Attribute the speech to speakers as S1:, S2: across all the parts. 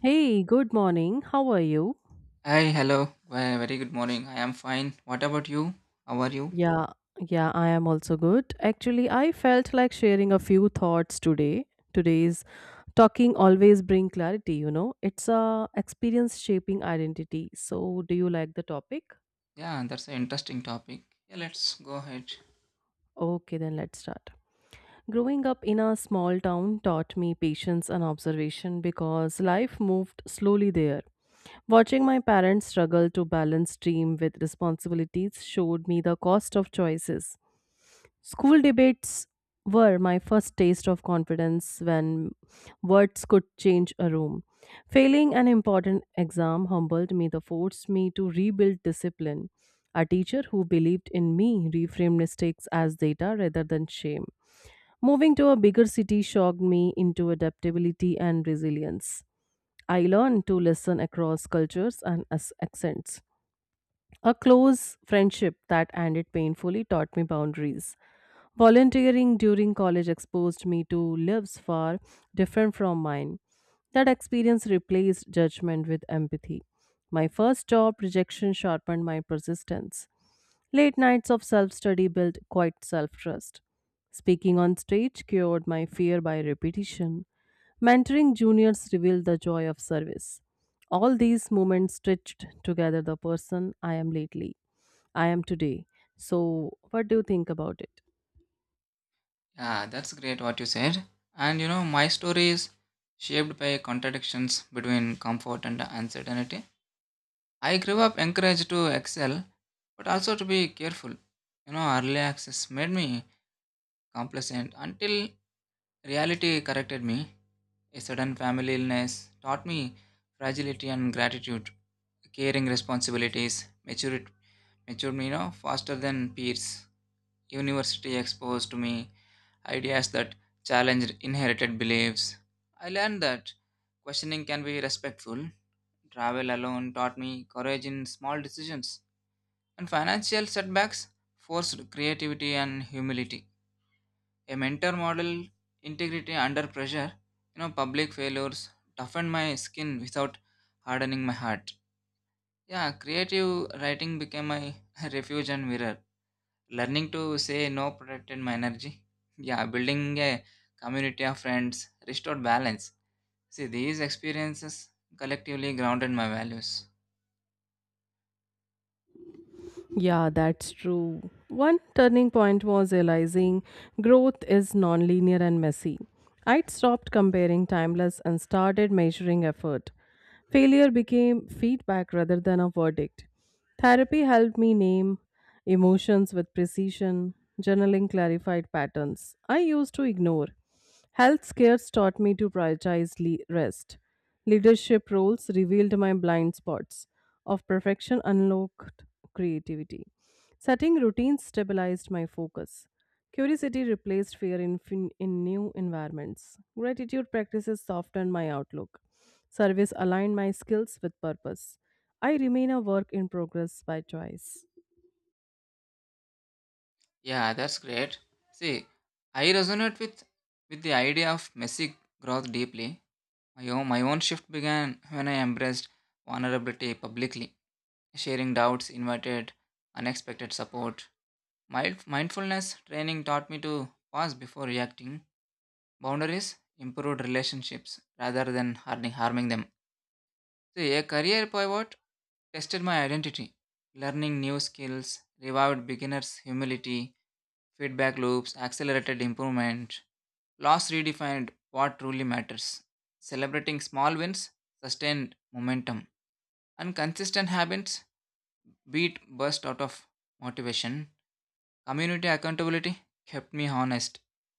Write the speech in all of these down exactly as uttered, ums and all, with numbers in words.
S1: Hey, good morning. How are you?
S2: Hi, hello. Well, very good morning. I am fine. What about you? How are you?
S1: Yeah, yeah, I am also good. Actually, I felt like sharing a few thoughts today. Today's talking always bring clarity, you know. It's a experience shaping identity. So, do you like the topic?
S2: Yeah, that's an interesting topic. Yeah, let's go ahead.
S1: Okay, then let's start. Growing up in a small town taught me patience and observation because life moved slowly there. Watching my parents struggle to balance dream with responsibilities showed me the cost of choices. School debates were my first taste of confidence when words could change a room. Failing an important exam humbled me, that forced me to rebuild discipline. A teacher who believed in me reframed mistakes as data rather than shame. Moving to a bigger city shocked me into adaptability and resilience. I learned to listen across cultures and as- accents. A close friendship that ended painfully taught me boundaries. Volunteering during college exposed me to lives far different from mine. That experience replaced judgment with empathy. My first job rejection sharpened my persistence. Late nights of self study built quite self trust. Speaking on stage cured my fear by repetition. Mentoring juniors revealed the joy of service. All these moments stitched together the person I am lately. I am today. So, what do you think about it?
S2: Yeah, that's great what you said. And you know, my story is shaped by contradictions between comfort and uncertainty. I grew up encouraged to excel, but also to be careful. You know, early access made me complacent until reality corrected me. A sudden family illness taught me fragility and gratitude, caring responsibilities, maturity matured me, you know, faster than peers. University exposed to me ideas that challenged inherited beliefs. I learned that questioning can be respectful. Travel alone taught me courage in small decisions. And financial setbacks forced creativity and humility. A mentor model integrity under pressure. You know, public failures toughened my skin without hardening my heart. Yeah, creative writing became my refuge and mirror. Learning to say no protected my energy. Yeah, building a community of friends restored balance. See, these experiences collectively grounded my values.
S1: Yeah, that's true. One turning point was realizing growth is nonlinear and messy. I'd stopped comparing timeless and started measuring effort. Failure became feedback rather than a verdict. Therapy helped me name emotions with precision. Journaling clarified patterns I used to ignore. Health scares taught me to prioritize le- rest. Leadership roles revealed my blind spots. Of perfection unlocked creativity. Setting routines stabilized my focus. Curiosity replaced fear in, fin- in new environments. Gratitude practices softened my outlook. Service aligned my skills with purpose. I remain a work in progress by choice.
S2: Yeah, that's great. See, I resonate with with the idea of messy growth deeply. My own, my own shift began when I embraced vulnerability publicly, sharing doubts, invited unexpected support. Mild, mindfulness training taught me to pause before reacting. Boundaries improved relationships rather than harming harming them. So a career pivot tested my identity. Learning new skills, revived beginners' humility, feedback loops, accelerated improvement. Loss redefined what truly matters. Celebrating small wins sustained momentum. And consistent habits beat burst out of motivation. Community accountability kept me honest.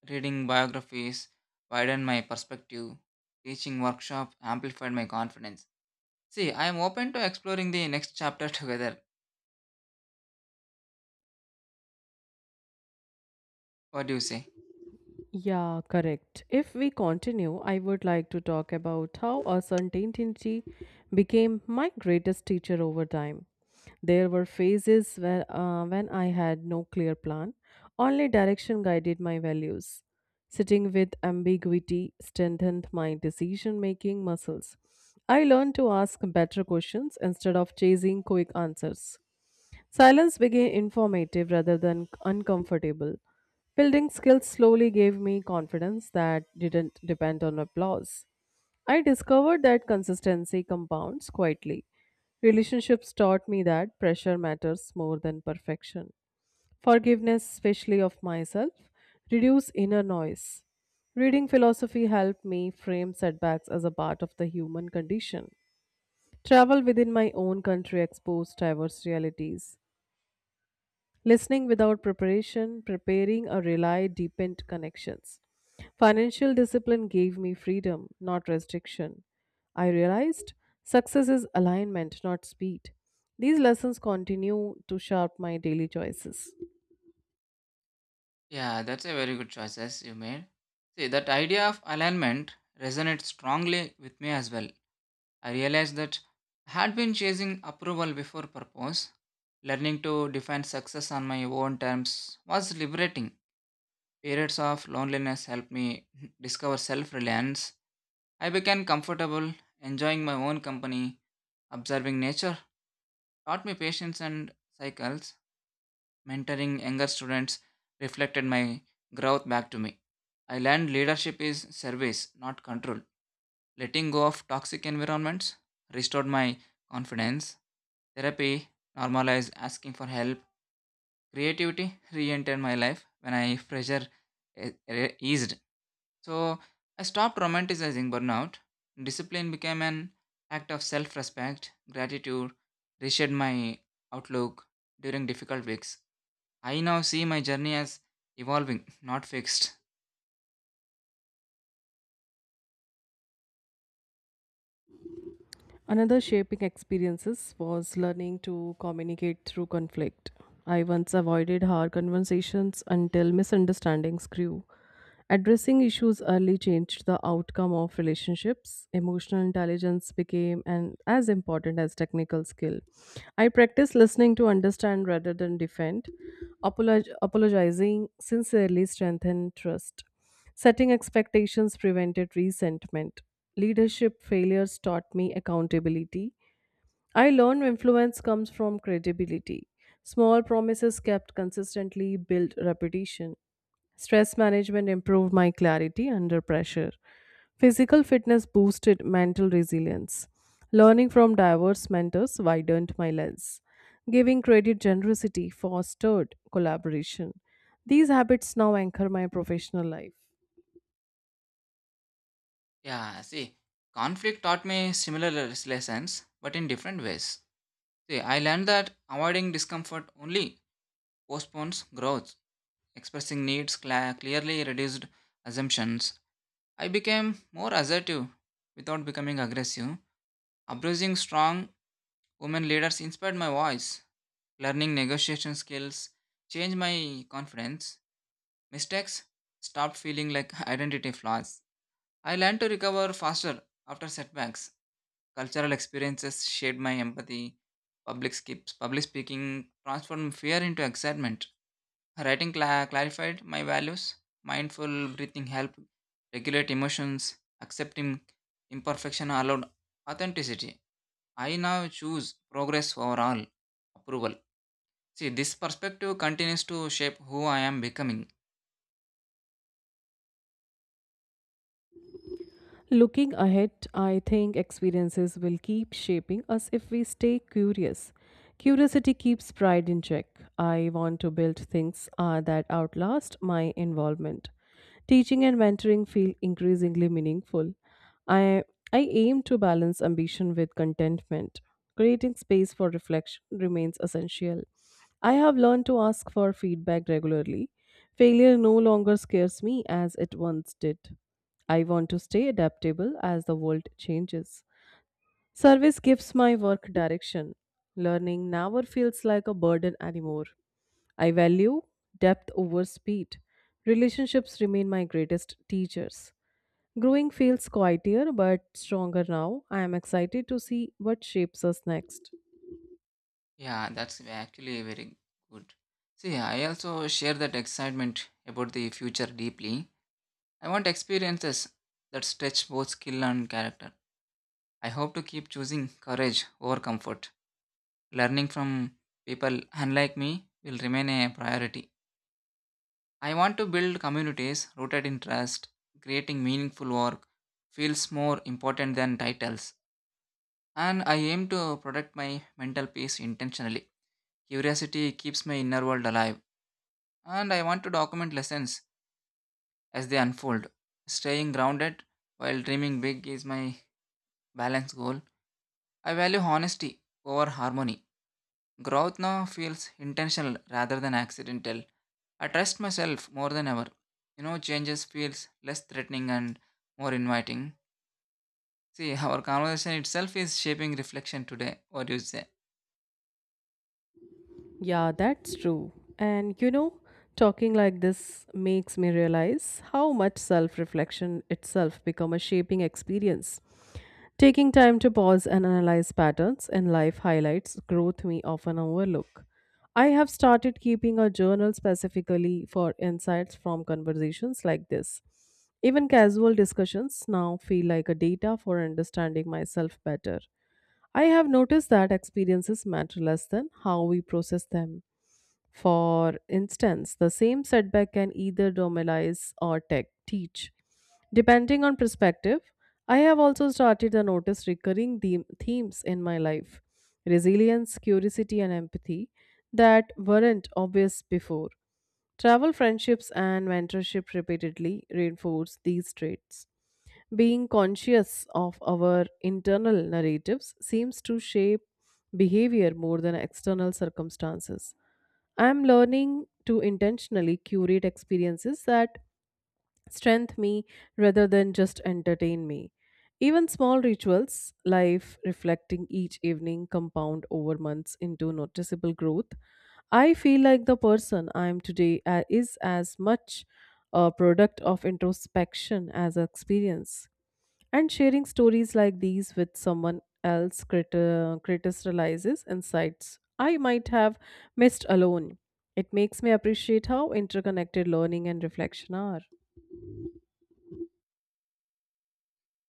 S2: Reading biographies widened my perspective. Teaching workshop amplified my confidence. See, I am open to exploring the next chapter together. What do you say?
S1: Yeah, correct. If we continue, I would like to talk about how uncertainty became my greatest teacher over time. There were phases where, uh, when I had no clear plan, only direction guided my values. Sitting with ambiguity strengthened my decision making muscles. I learned to ask better questions instead of chasing quick answers. Silence became informative rather than uncomfortable. Building skills slowly gave me confidence that didn't depend on applause. I discovered that consistency compounds quietly. Relationships taught me that pressure matters more than perfection. Forgiveness, especially of myself, reduced inner noise. Reading philosophy helped me frame setbacks as a part of the human condition. Travel within my own country exposed diverse realities. Listening without preparation, preparing or rely deepened connections. Financial discipline gave me freedom, not restriction. I realized success is alignment, not speed. These lessons continue to shape my daily choices.
S2: Yeah, that's a very good choices you made. See, that idea of alignment resonates strongly with me as well. I realized that I had been chasing approval before purpose. Learning to define success on my own terms was liberating. Periods of loneliness helped me discover self reliance. I became comfortable, enjoying my own company, observing nature, taught me patience and cycles. Mentoring younger students reflected my growth back to me. I learned leadership is service, not control. Letting go of toxic environments restored my confidence. Therapy normalized asking for help. Creativity re entered my life when I pressure e- e- eased. So I stopped romanticizing burnout. Discipline became an act of self respect, gratitude, reshaped my outlook during difficult weeks. I now see my journey as evolving, not fixed.
S1: Another shaping experiences was learning to communicate through conflict. I once avoided hard conversations until misunderstandings grew. Addressing issues early changed the outcome of relationships. Emotional intelligence became an, as important as technical skill. I practiced listening to understand rather than defend. Apolog- apologizing sincerely strengthened trust. Setting expectations prevented resentment. Leadership failures taught me accountability. I learned influence comes from credibility. Small promises kept consistently build reputation. Stress management improved my clarity under pressure. Physical fitness boosted mental resilience. Learning from diverse mentors widened my lens. Giving credit generosity fostered collaboration. These habits now anchor my professional life.
S2: Yeah, see, conflict taught me similar les- lessons, but in different ways. See, I learned that avoiding discomfort only postpones growth. Expressing needs cla clearly reduced assumptions. I became more assertive without becoming aggressive. Approaching strong women leaders inspired my voice. Learning negotiation skills changed my confidence. Mistakes stopped feeling like identity flaws. I learned to recover faster after setbacks. Cultural experiences shaped my empathy. Public skips, public speaking transformed fear into excitement. Writing cla clarified my values. Mindful breathing helped regulate emotions. Accepting imperfection allowed authenticity. I now choose progress over all approval. See, this perspective continues to shape who I am becoming.
S1: Looking ahead, I think experiences will keep shaping us if we stay curious. Curiosity keeps pride in check. I want to build things uh, that outlast my involvement. Teaching and mentoring feel increasingly meaningful. I, I aim to balance ambition with contentment. Creating space for reflection remains essential. I have learned to ask for feedback regularly. Failure no longer scares me as it once did. I want to stay adaptable as the world changes. Service gives my work direction. Learning never feels like a burden anymore. I value depth over speed. Relationships remain my greatest teachers. Growing feels quieter but stronger now. I am excited to see what shapes us next.
S2: Yeah, that's actually very good. See, I also share that excitement about the future deeply. I want experiences that stretch both skill and character. I hope to keep choosing courage over comfort. Learning from people unlike me will remain a priority. I want to build communities rooted in trust, creating meaningful work feels more important than titles. And I aim to protect my mental peace intentionally. Curiosity keeps my inner world alive, and I want to document lessons as they unfold. Staying grounded while dreaming big is my balance goal. I value honesty over harmony. Growth now feels intentional rather than accidental. I trust myself more than ever. You know, changes feels less threatening and more inviting. See, our conversation itself is shaping reflection today. What do you say?
S1: Yeah, that's true. And you know, talking like this makes me realize how much self reflection itself become a shaping experience. Taking time to pause and analyze patterns in life highlights growth we often overlook. I have started keeping a journal specifically for insights from conversations like this. Even casual discussions now feel like a data for understanding myself better. I have noticed that experiences matter less than how we process them. For instance, the same setback can either normalize or tech teach. Depending on perspective, I have also started to notice recurring them- themes in my life resilience, curiosity, and empathy that weren't obvious before. Travel, friendships, and mentorship repeatedly reinforce these traits. Being conscious of our internal narratives seems to shape behavior more than external circumstances. I am learning to intentionally curate experiences that strengthen me rather than just entertain me. Even small rituals, life reflecting each evening, compound over months into noticeable growth. I feel like the person I am today uh, is as much a product of introspection as experience. And sharing stories like these with someone else criti- criticizes insights I might have missed alone. It makes me appreciate how interconnected learning and reflection are.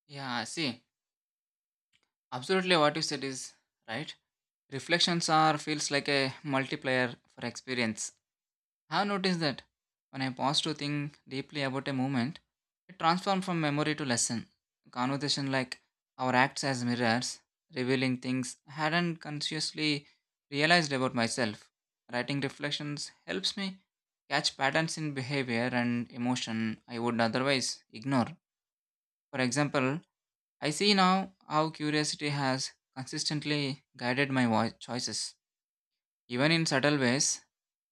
S2: Yeah, see, absolutely what you said is right. Reflections are feels like a multiplier for experience. I have noticed that when I pause to think deeply about a moment, it transforms from memory to lesson. Conversation like our acts as mirrors, revealing things I hadn't consciously realized about myself. Writing reflections helps me catch patterns in behavior and emotion I would otherwise ignore. For example, I see now how curiosity has consistently guided my voi- choices. Even in subtle ways,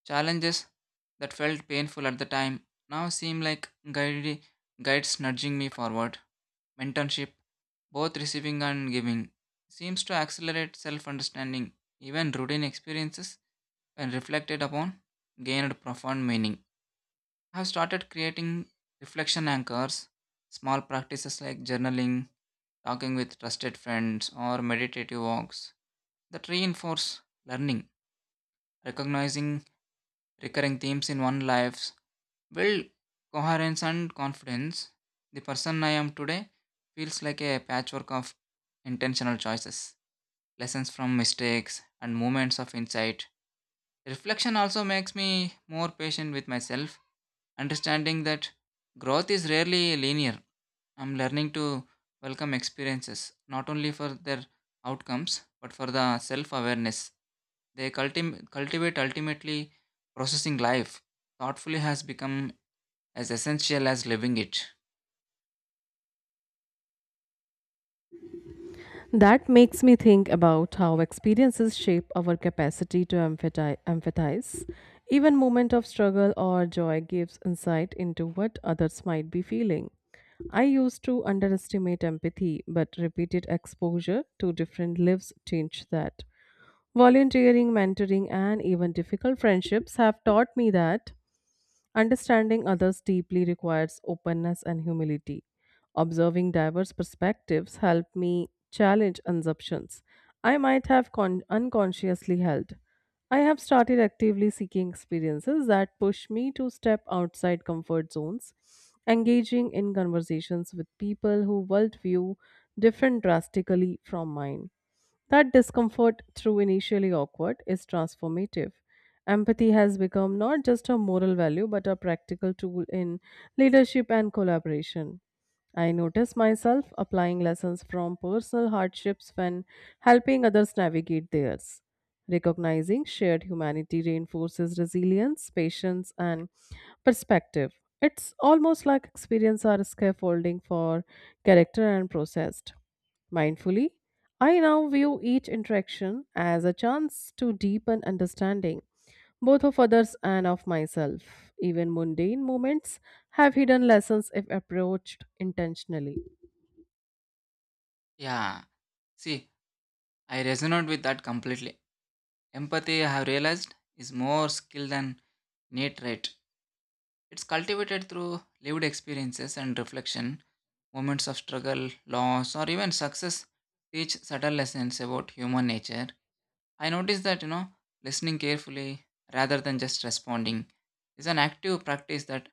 S2: challenges that felt painful at the time now seem like guide, guides nudging me forward. Mentorship, both receiving and giving, seems to accelerate self understanding. Even routine experiences, when reflected upon, gained profound meaning. I have started creating reflection anchors, small practices like journaling, talking with trusted friends, or meditative walks that reinforce learning, recognizing recurring themes in one's life build coherence and confidence, the person I am today feels like a patchwork of intentional choices, lessons from mistakes, and moments of insight. Reflection also makes me more patient with myself, understanding that growth is rarely linear. I'm learning to welcome experiences not only for their outcomes but for the self awareness they culti- cultivate. Ultimately, processing life thoughtfully has become as essential as living it.
S1: That makes me think about how experiences shape our capacity to emphati- empathize. Even moment of struggle or joy gives insight into what others might be feeling. I used to underestimate empathy, but repeated exposure to different lives changed that. Volunteering, mentoring, and even difficult friendships have taught me that understanding others deeply requires openness and humility. Observing diverse perspectives helped me challenge assumptions I might have con- unconsciously held. I have started actively seeking experiences that push me to step outside comfort zones, engaging in conversations with people whose worldview different drastically from mine. That discomfort, through initially awkward, is transformative. Empathy has become not just a moral value but a practical tool in leadership and collaboration. I notice myself applying lessons from personal hardships when helping others navigate theirs. Recognizing shared humanity reinforces resilience, patience, and perspective. It's almost like experience are scaffolding for character and processed. Mindfully, I now view each interaction as a chance to deepen understanding both of others and of myself. Even mundane moments have hidden lessons if approached intentionally.
S2: Yeah, see, I resonate with that completely. Empathy, I have realized, is more skill than innate trait. It's cultivated through lived experiences and reflection. Moments of struggle, loss, or even success teach subtle lessons about human nature. I noticed that, you know, listening carefully rather than just responding is an active practice that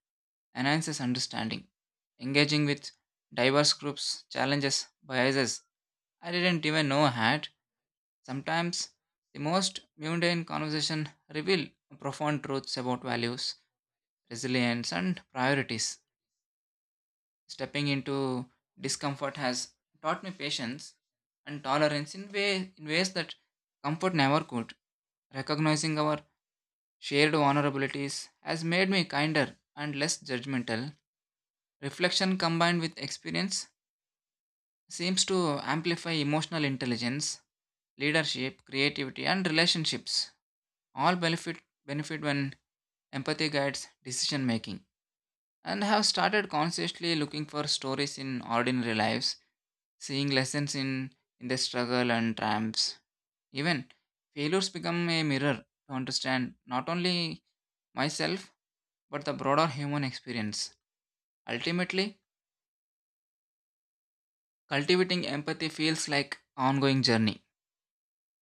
S2: enhances understanding. Engaging with diverse groups challenges biases I didn't even know I had. Sometimes the most mundane conversation reveal profound truths about values, resilience, and priorities. Stepping into discomfort has taught me patience and tolerance in, way, in ways that comfort never could. Recognizing our shared vulnerabilities has made me kinder and less judgmental. Reflection combined with experience seems to amplify emotional intelligence, leadership, creativity, and relationships. All benefit benefit when empathy guides decision making, and have started consciously looking for stories in ordinary lives, seeing lessons in in their struggle and triumphs. Even failures become a mirror to understand not only myself but the broader human experience. Ultimately, cultivating empathy feels like ongoing journey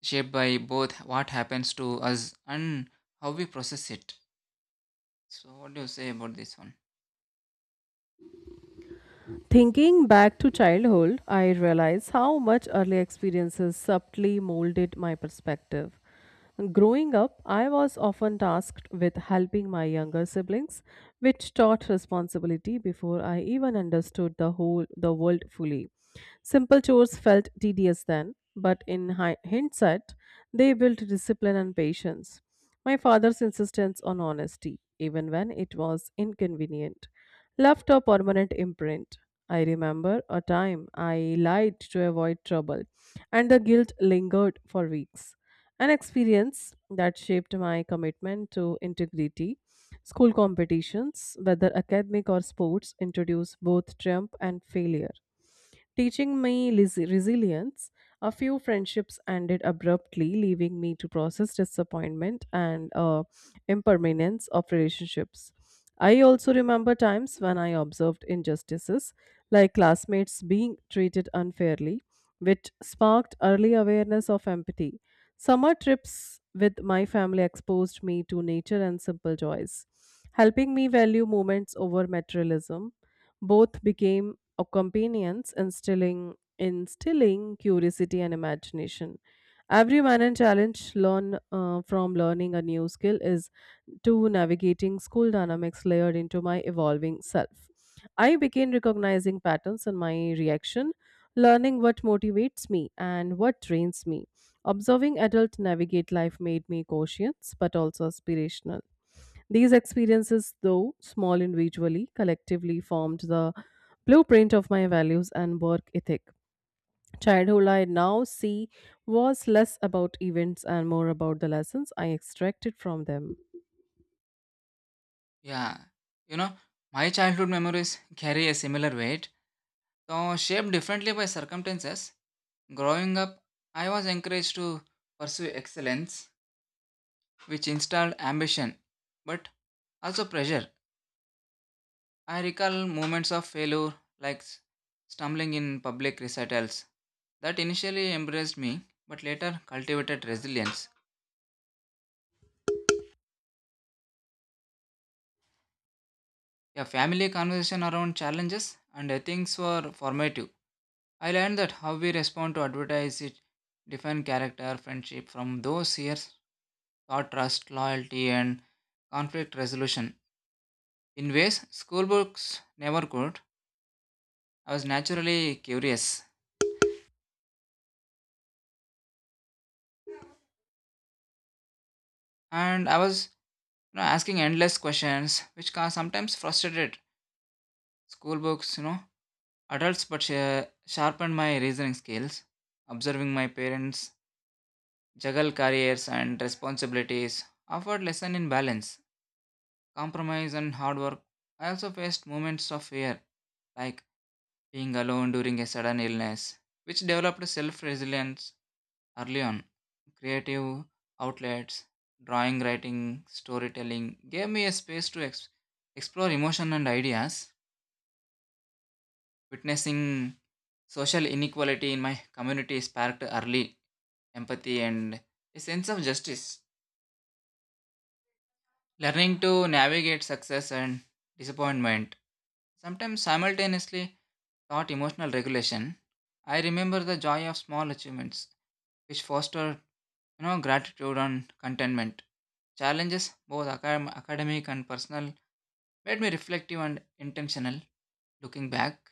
S2: shaped by both what happens to us and how we process it. So what do you say about this one?
S1: Thinking back to childhood, I realize how much early experiences subtly molded my perspective. Growing up, I was often tasked with helping my younger siblings, which taught responsibility before I even understood the whole the world fully. Simple chores felt tedious then, but in hi- hindsight, they built discipline and patience. My father's insistence on honesty, even when it was inconvenient, left a permanent imprint. I remember a time I lied to avoid trouble, and the guilt lingered for weeks. An experience that shaped my commitment to integrity. School competitions, whether academic or sports, introduce both triumph and failure teaching me lis- resilience. A few friendships ended abruptly, leaving me to process disappointment and uh, impermanence of relationships. I also remember times when I observed injustices, like classmates being treated unfairly, which sparked early awareness of empathy. Summer trips with my family exposed me to nature and simple joys, helping me value moments over materialism both became or companions instilling instilling curiosity and imagination every man and challenge learn uh, from learning a new skill is to navigating school dynamics layered into my evolving self. I began recognizing patterns in my reaction, learning what motivates me and what drains me. Observing adults navigate life made me cautious but also aspirational. These experiences, though small individually, collectively formed the blueprint of my values and work ethic. Childhood I now see was less about events and more about the lessons I extracted from them.
S2: Yeah, you know, my childhood memories carry a similar weight, though shaped differently by circumstances. Growing up, I was encouraged to pursue excellence, which installed ambition, but also pressure. I recall moments of failure, like s- stumbling in public recitals, that initially embraced me, but later cultivated resilience. A family conversation around challenges and ethics were formative. I learned that how we respond to advertise it define character, friendship from those years taught trust, loyalty, and conflict resolution, in ways school books never could. I was naturally curious, and I was you know asking endless questions, which ca- sometimes frustrated school books. You know, adults, but sh- sharpened my reasoning skills. Observing my parents juggle careers and responsibilities offered lesson in balance compromise and hard work. I also faced moments of fear, like being alone during a sudden illness, which developed self resilience early on. Creative outlets, drawing, writing, storytelling gave me a space to ex- explore emotion and ideas. Witnessing social inequality in my community sparked early empathy and a sense of justice. Learning to navigate success and disappointment, sometimes simultaneously taught emotional regulation. I remember the joy of small achievements, which fostered you know, gratitude and contentment. Challenges, both acad- academic and personal, made me reflective and intentional. Looking back,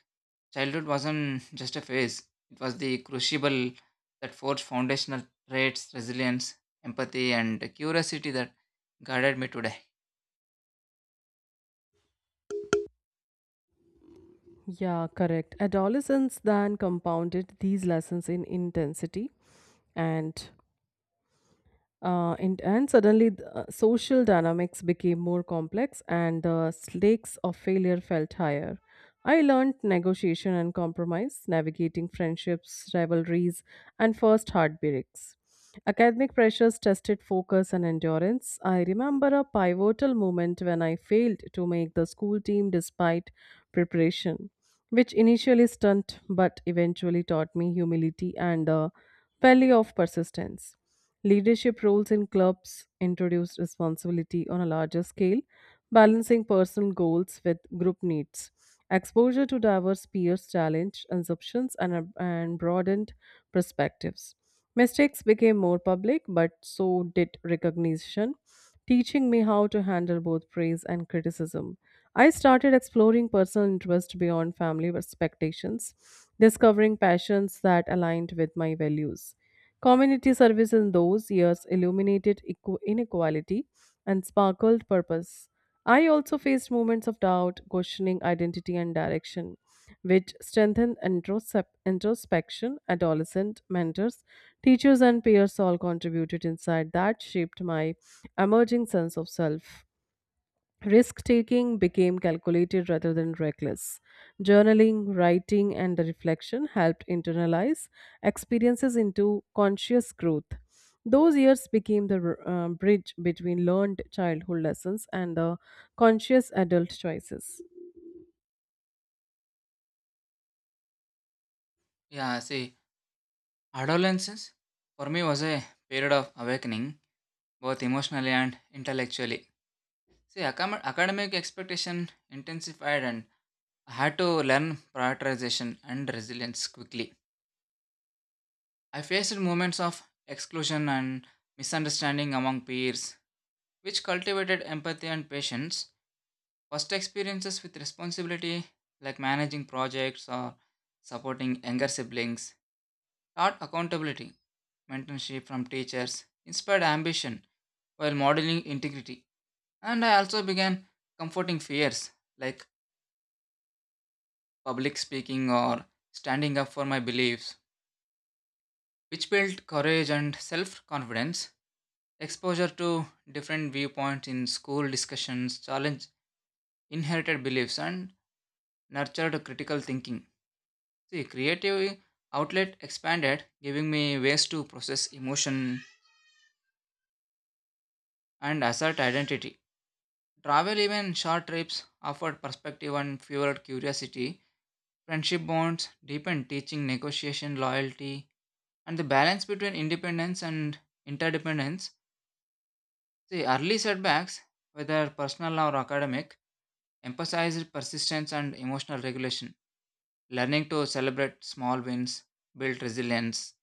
S2: childhood wasn't just a phase, it was the crucible that forged foundational traits, resilience, empathy, and curiosity that guided me today.
S1: Yeah, correct. Adolescence then compounded these lessons in intensity and Uh, and, and suddenly, the, uh, social dynamics became more complex and the stakes of failure felt higher. I learned negotiation and compromise, navigating friendships, rivalries, and first heartbreaks. Academic pressures tested focus and endurance. I remember a pivotal moment when I failed to make the school team despite preparation, which initially stunned but eventually taught me humility and the Valley of persistence. Leadership roles in clubs introduced responsibility on a larger scale, balancing personal goals with group needs. Exposure to diverse peers challenged assumptions and, and broadened perspectives. Mistakes became more public, but so did recognition, teaching me how to handle both praise and criticism. I started exploring personal interests beyond family expectations, discovering passions that aligned with my values. Community service in those years illuminated equ- inequality and sparkled purpose. I also faced moments of doubt, questioning identity and direction, which strengthened introsep- introspection. Adolescent mentors, teachers, and peers all contributed insight that shaped my emerging sense of self. Risk taking became calculated rather than reckless. Journaling, writing, and reflection helped internalize experiences into conscious growth. Those years became the uh, bridge between learned childhood lessons and the conscious adult choices.
S2: Yeah, see, adolescence for me was a period of awakening, both emotionally and intellectually. See, acam- academic expectation intensified and I had to learn prioritization and resilience quickly. I faced moments of exclusion and misunderstanding among peers, which cultivated empathy and patience. First experiences with responsibility, like managing projects or supporting younger siblings, taught accountability, mentorship from teachers, inspired ambition while modeling integrity. And I also began comforting fears like public speaking, or standing up for my beliefs, which built courage and self confidence. Exposure to different viewpoints in school discussions challenged inherited beliefs and nurtured critical thinking. See, creative outlet expanded, giving me ways to process emotion and assert identity. Travel, even short trips, offered perspective and fueled curiosity. Friendship bonds deepened, teaching negotiation, loyalty, and the balance between independence and interdependence. The early setbacks, whether personal or academic, emphasized persistence and emotional regulation. Learning to celebrate small wins, built resilience.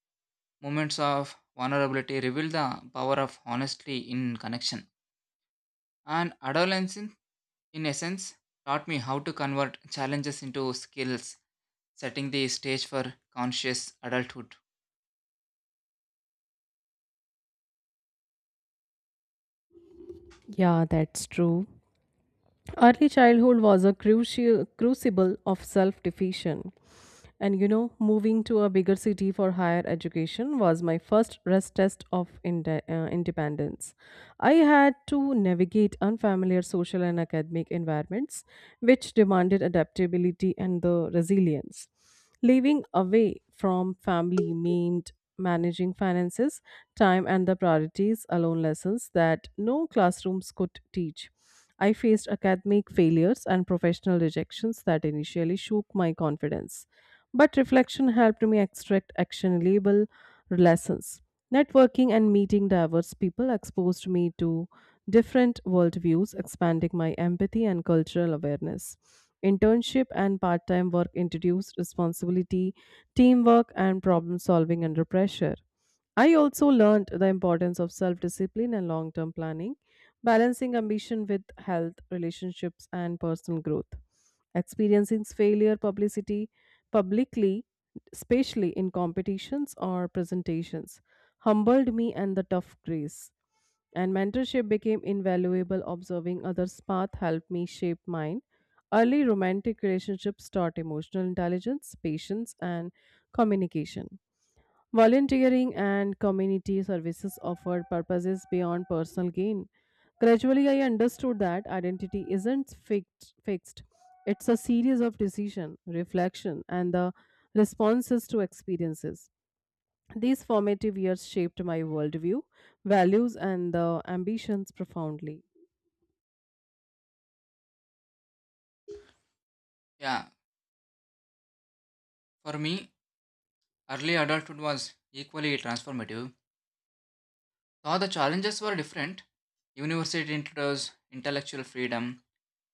S2: Moments of vulnerability reveal the power of honesty in connection. And adolescence, in essence, taught me how to convert challenges into skills, setting the stage for conscious adulthood.
S1: Yeah, that's true. Early childhood was a crucial crucible of self-defeation. And you know, moving to a bigger city for higher education was my first rest test of inde- uh, independence. I had to navigate unfamiliar social and academic environments, which demanded adaptability and the resilience. Living away from family meant managing finances, time, and the priorities alone lessons that no classrooms could teach. I faced academic failures and professional rejections that initially shook my confidence. But reflection helped me extract actionable lessons. Networking and meeting diverse people exposed me to different worldviews, expanding my empathy and cultural awareness. Internship and part time work introduced responsibility, teamwork, and problem solving under pressure. I also learned the importance of self discipline and long term planning balancing ambition with health, relationships, and personal growth. Experiencing failure publicity publicly, especially in competitions or presentations, humbled me and the tough grace. And mentorship became invaluable. Observing others' path helped me shape mine. Early romantic relationships taught emotional intelligence, patience, and communication. Volunteering and community services offered purposes beyond personal gain. Gradually, I understood that identity isn't fixed. fixed. It's a series of decision, reflection, and the responses to experiences. These formative years shaped my worldview, values, and the ambitions profoundly.
S2: Yeah, for me, early adulthood was equally transformative. Now the challenges were different. University introduced intellectual freedom,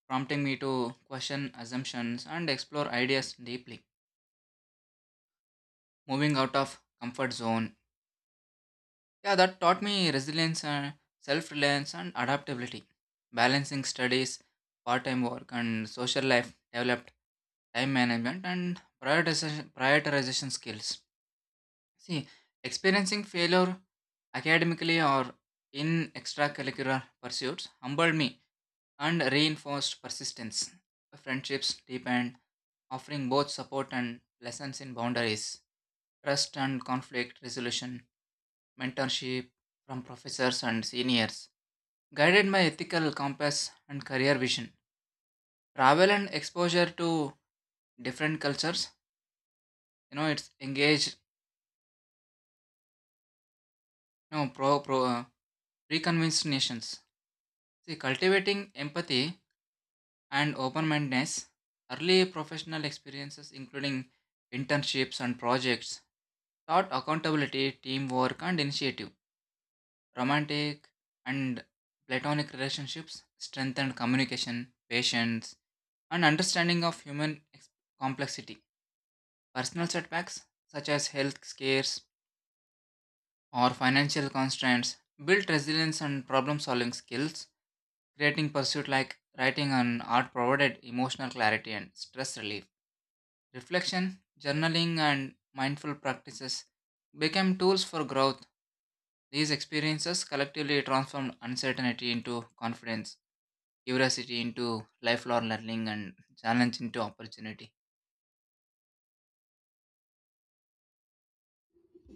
S2: prompting me to question assumptions and explore ideas deeply, moving out of comfort zone. Yeah, that taught me resilience and self-reliance and adaptability. Balancing studies, part-time work and social life developed time management and prioritization, prioritization skills. See, experiencing failure academically or in extracurricular pursuits humbled me and reinforced persistence. Friendships deepen, offering both support and lessons in boundaries, trust and conflict resolution, mentorship from professors and seniors. Guided by ethical compass and career vision, travel and exposure to different cultures. You know, it's engaged. You know, pro pro uh, preconvinced nations. See, cultivating empathy and open-mindedness. Early professional experiences, including internships and projects, taught accountability, teamwork, and initiative. Romantic and platonic relationships strengthened communication, patience, and understanding of human ex- complexity. Personal setbacks, such as health scares or financial constraints, built resilience and problem solving skills. Creating pursuit like writing and art provided emotional clarity and stress relief. Reflection, journaling, and mindful practices became tools for growth. These experiences collectively transformed uncertainty into confidence, curiosity into lifelong learning, and challenge into opportunity.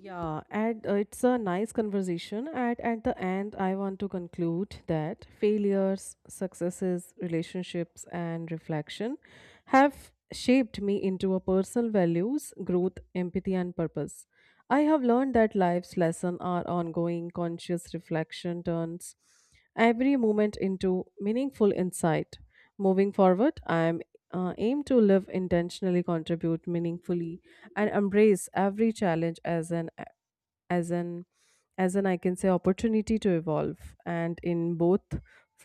S1: Yeah, and uh, it's a nice conversation. And at the end, I want to conclude that failures, successes, relationships, and reflection have shaped me into a personal values, growth, empathy, and purpose. I have learned that life's lesson are ongoing conscious reflection turns every moment into meaningful insight. Moving forward, I am uh, aim to live intentionally, contribute meaningfully, and embrace every challenge as an as an as an I can say opportunity to evolve. And in both,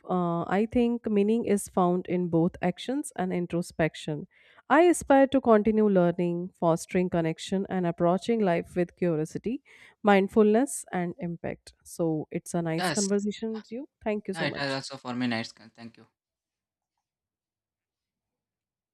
S1: uh, I think meaning is found in both actions and introspection. I aspire to continue learning, fostering connection, and approaching life with curiosity, mindfulness, and impact. So it's a nice
S2: Yes,
S1: conversation with you. Thank you
S2: yeah,
S1: so
S2: it has
S1: much.
S2: also for me nice. Thank you.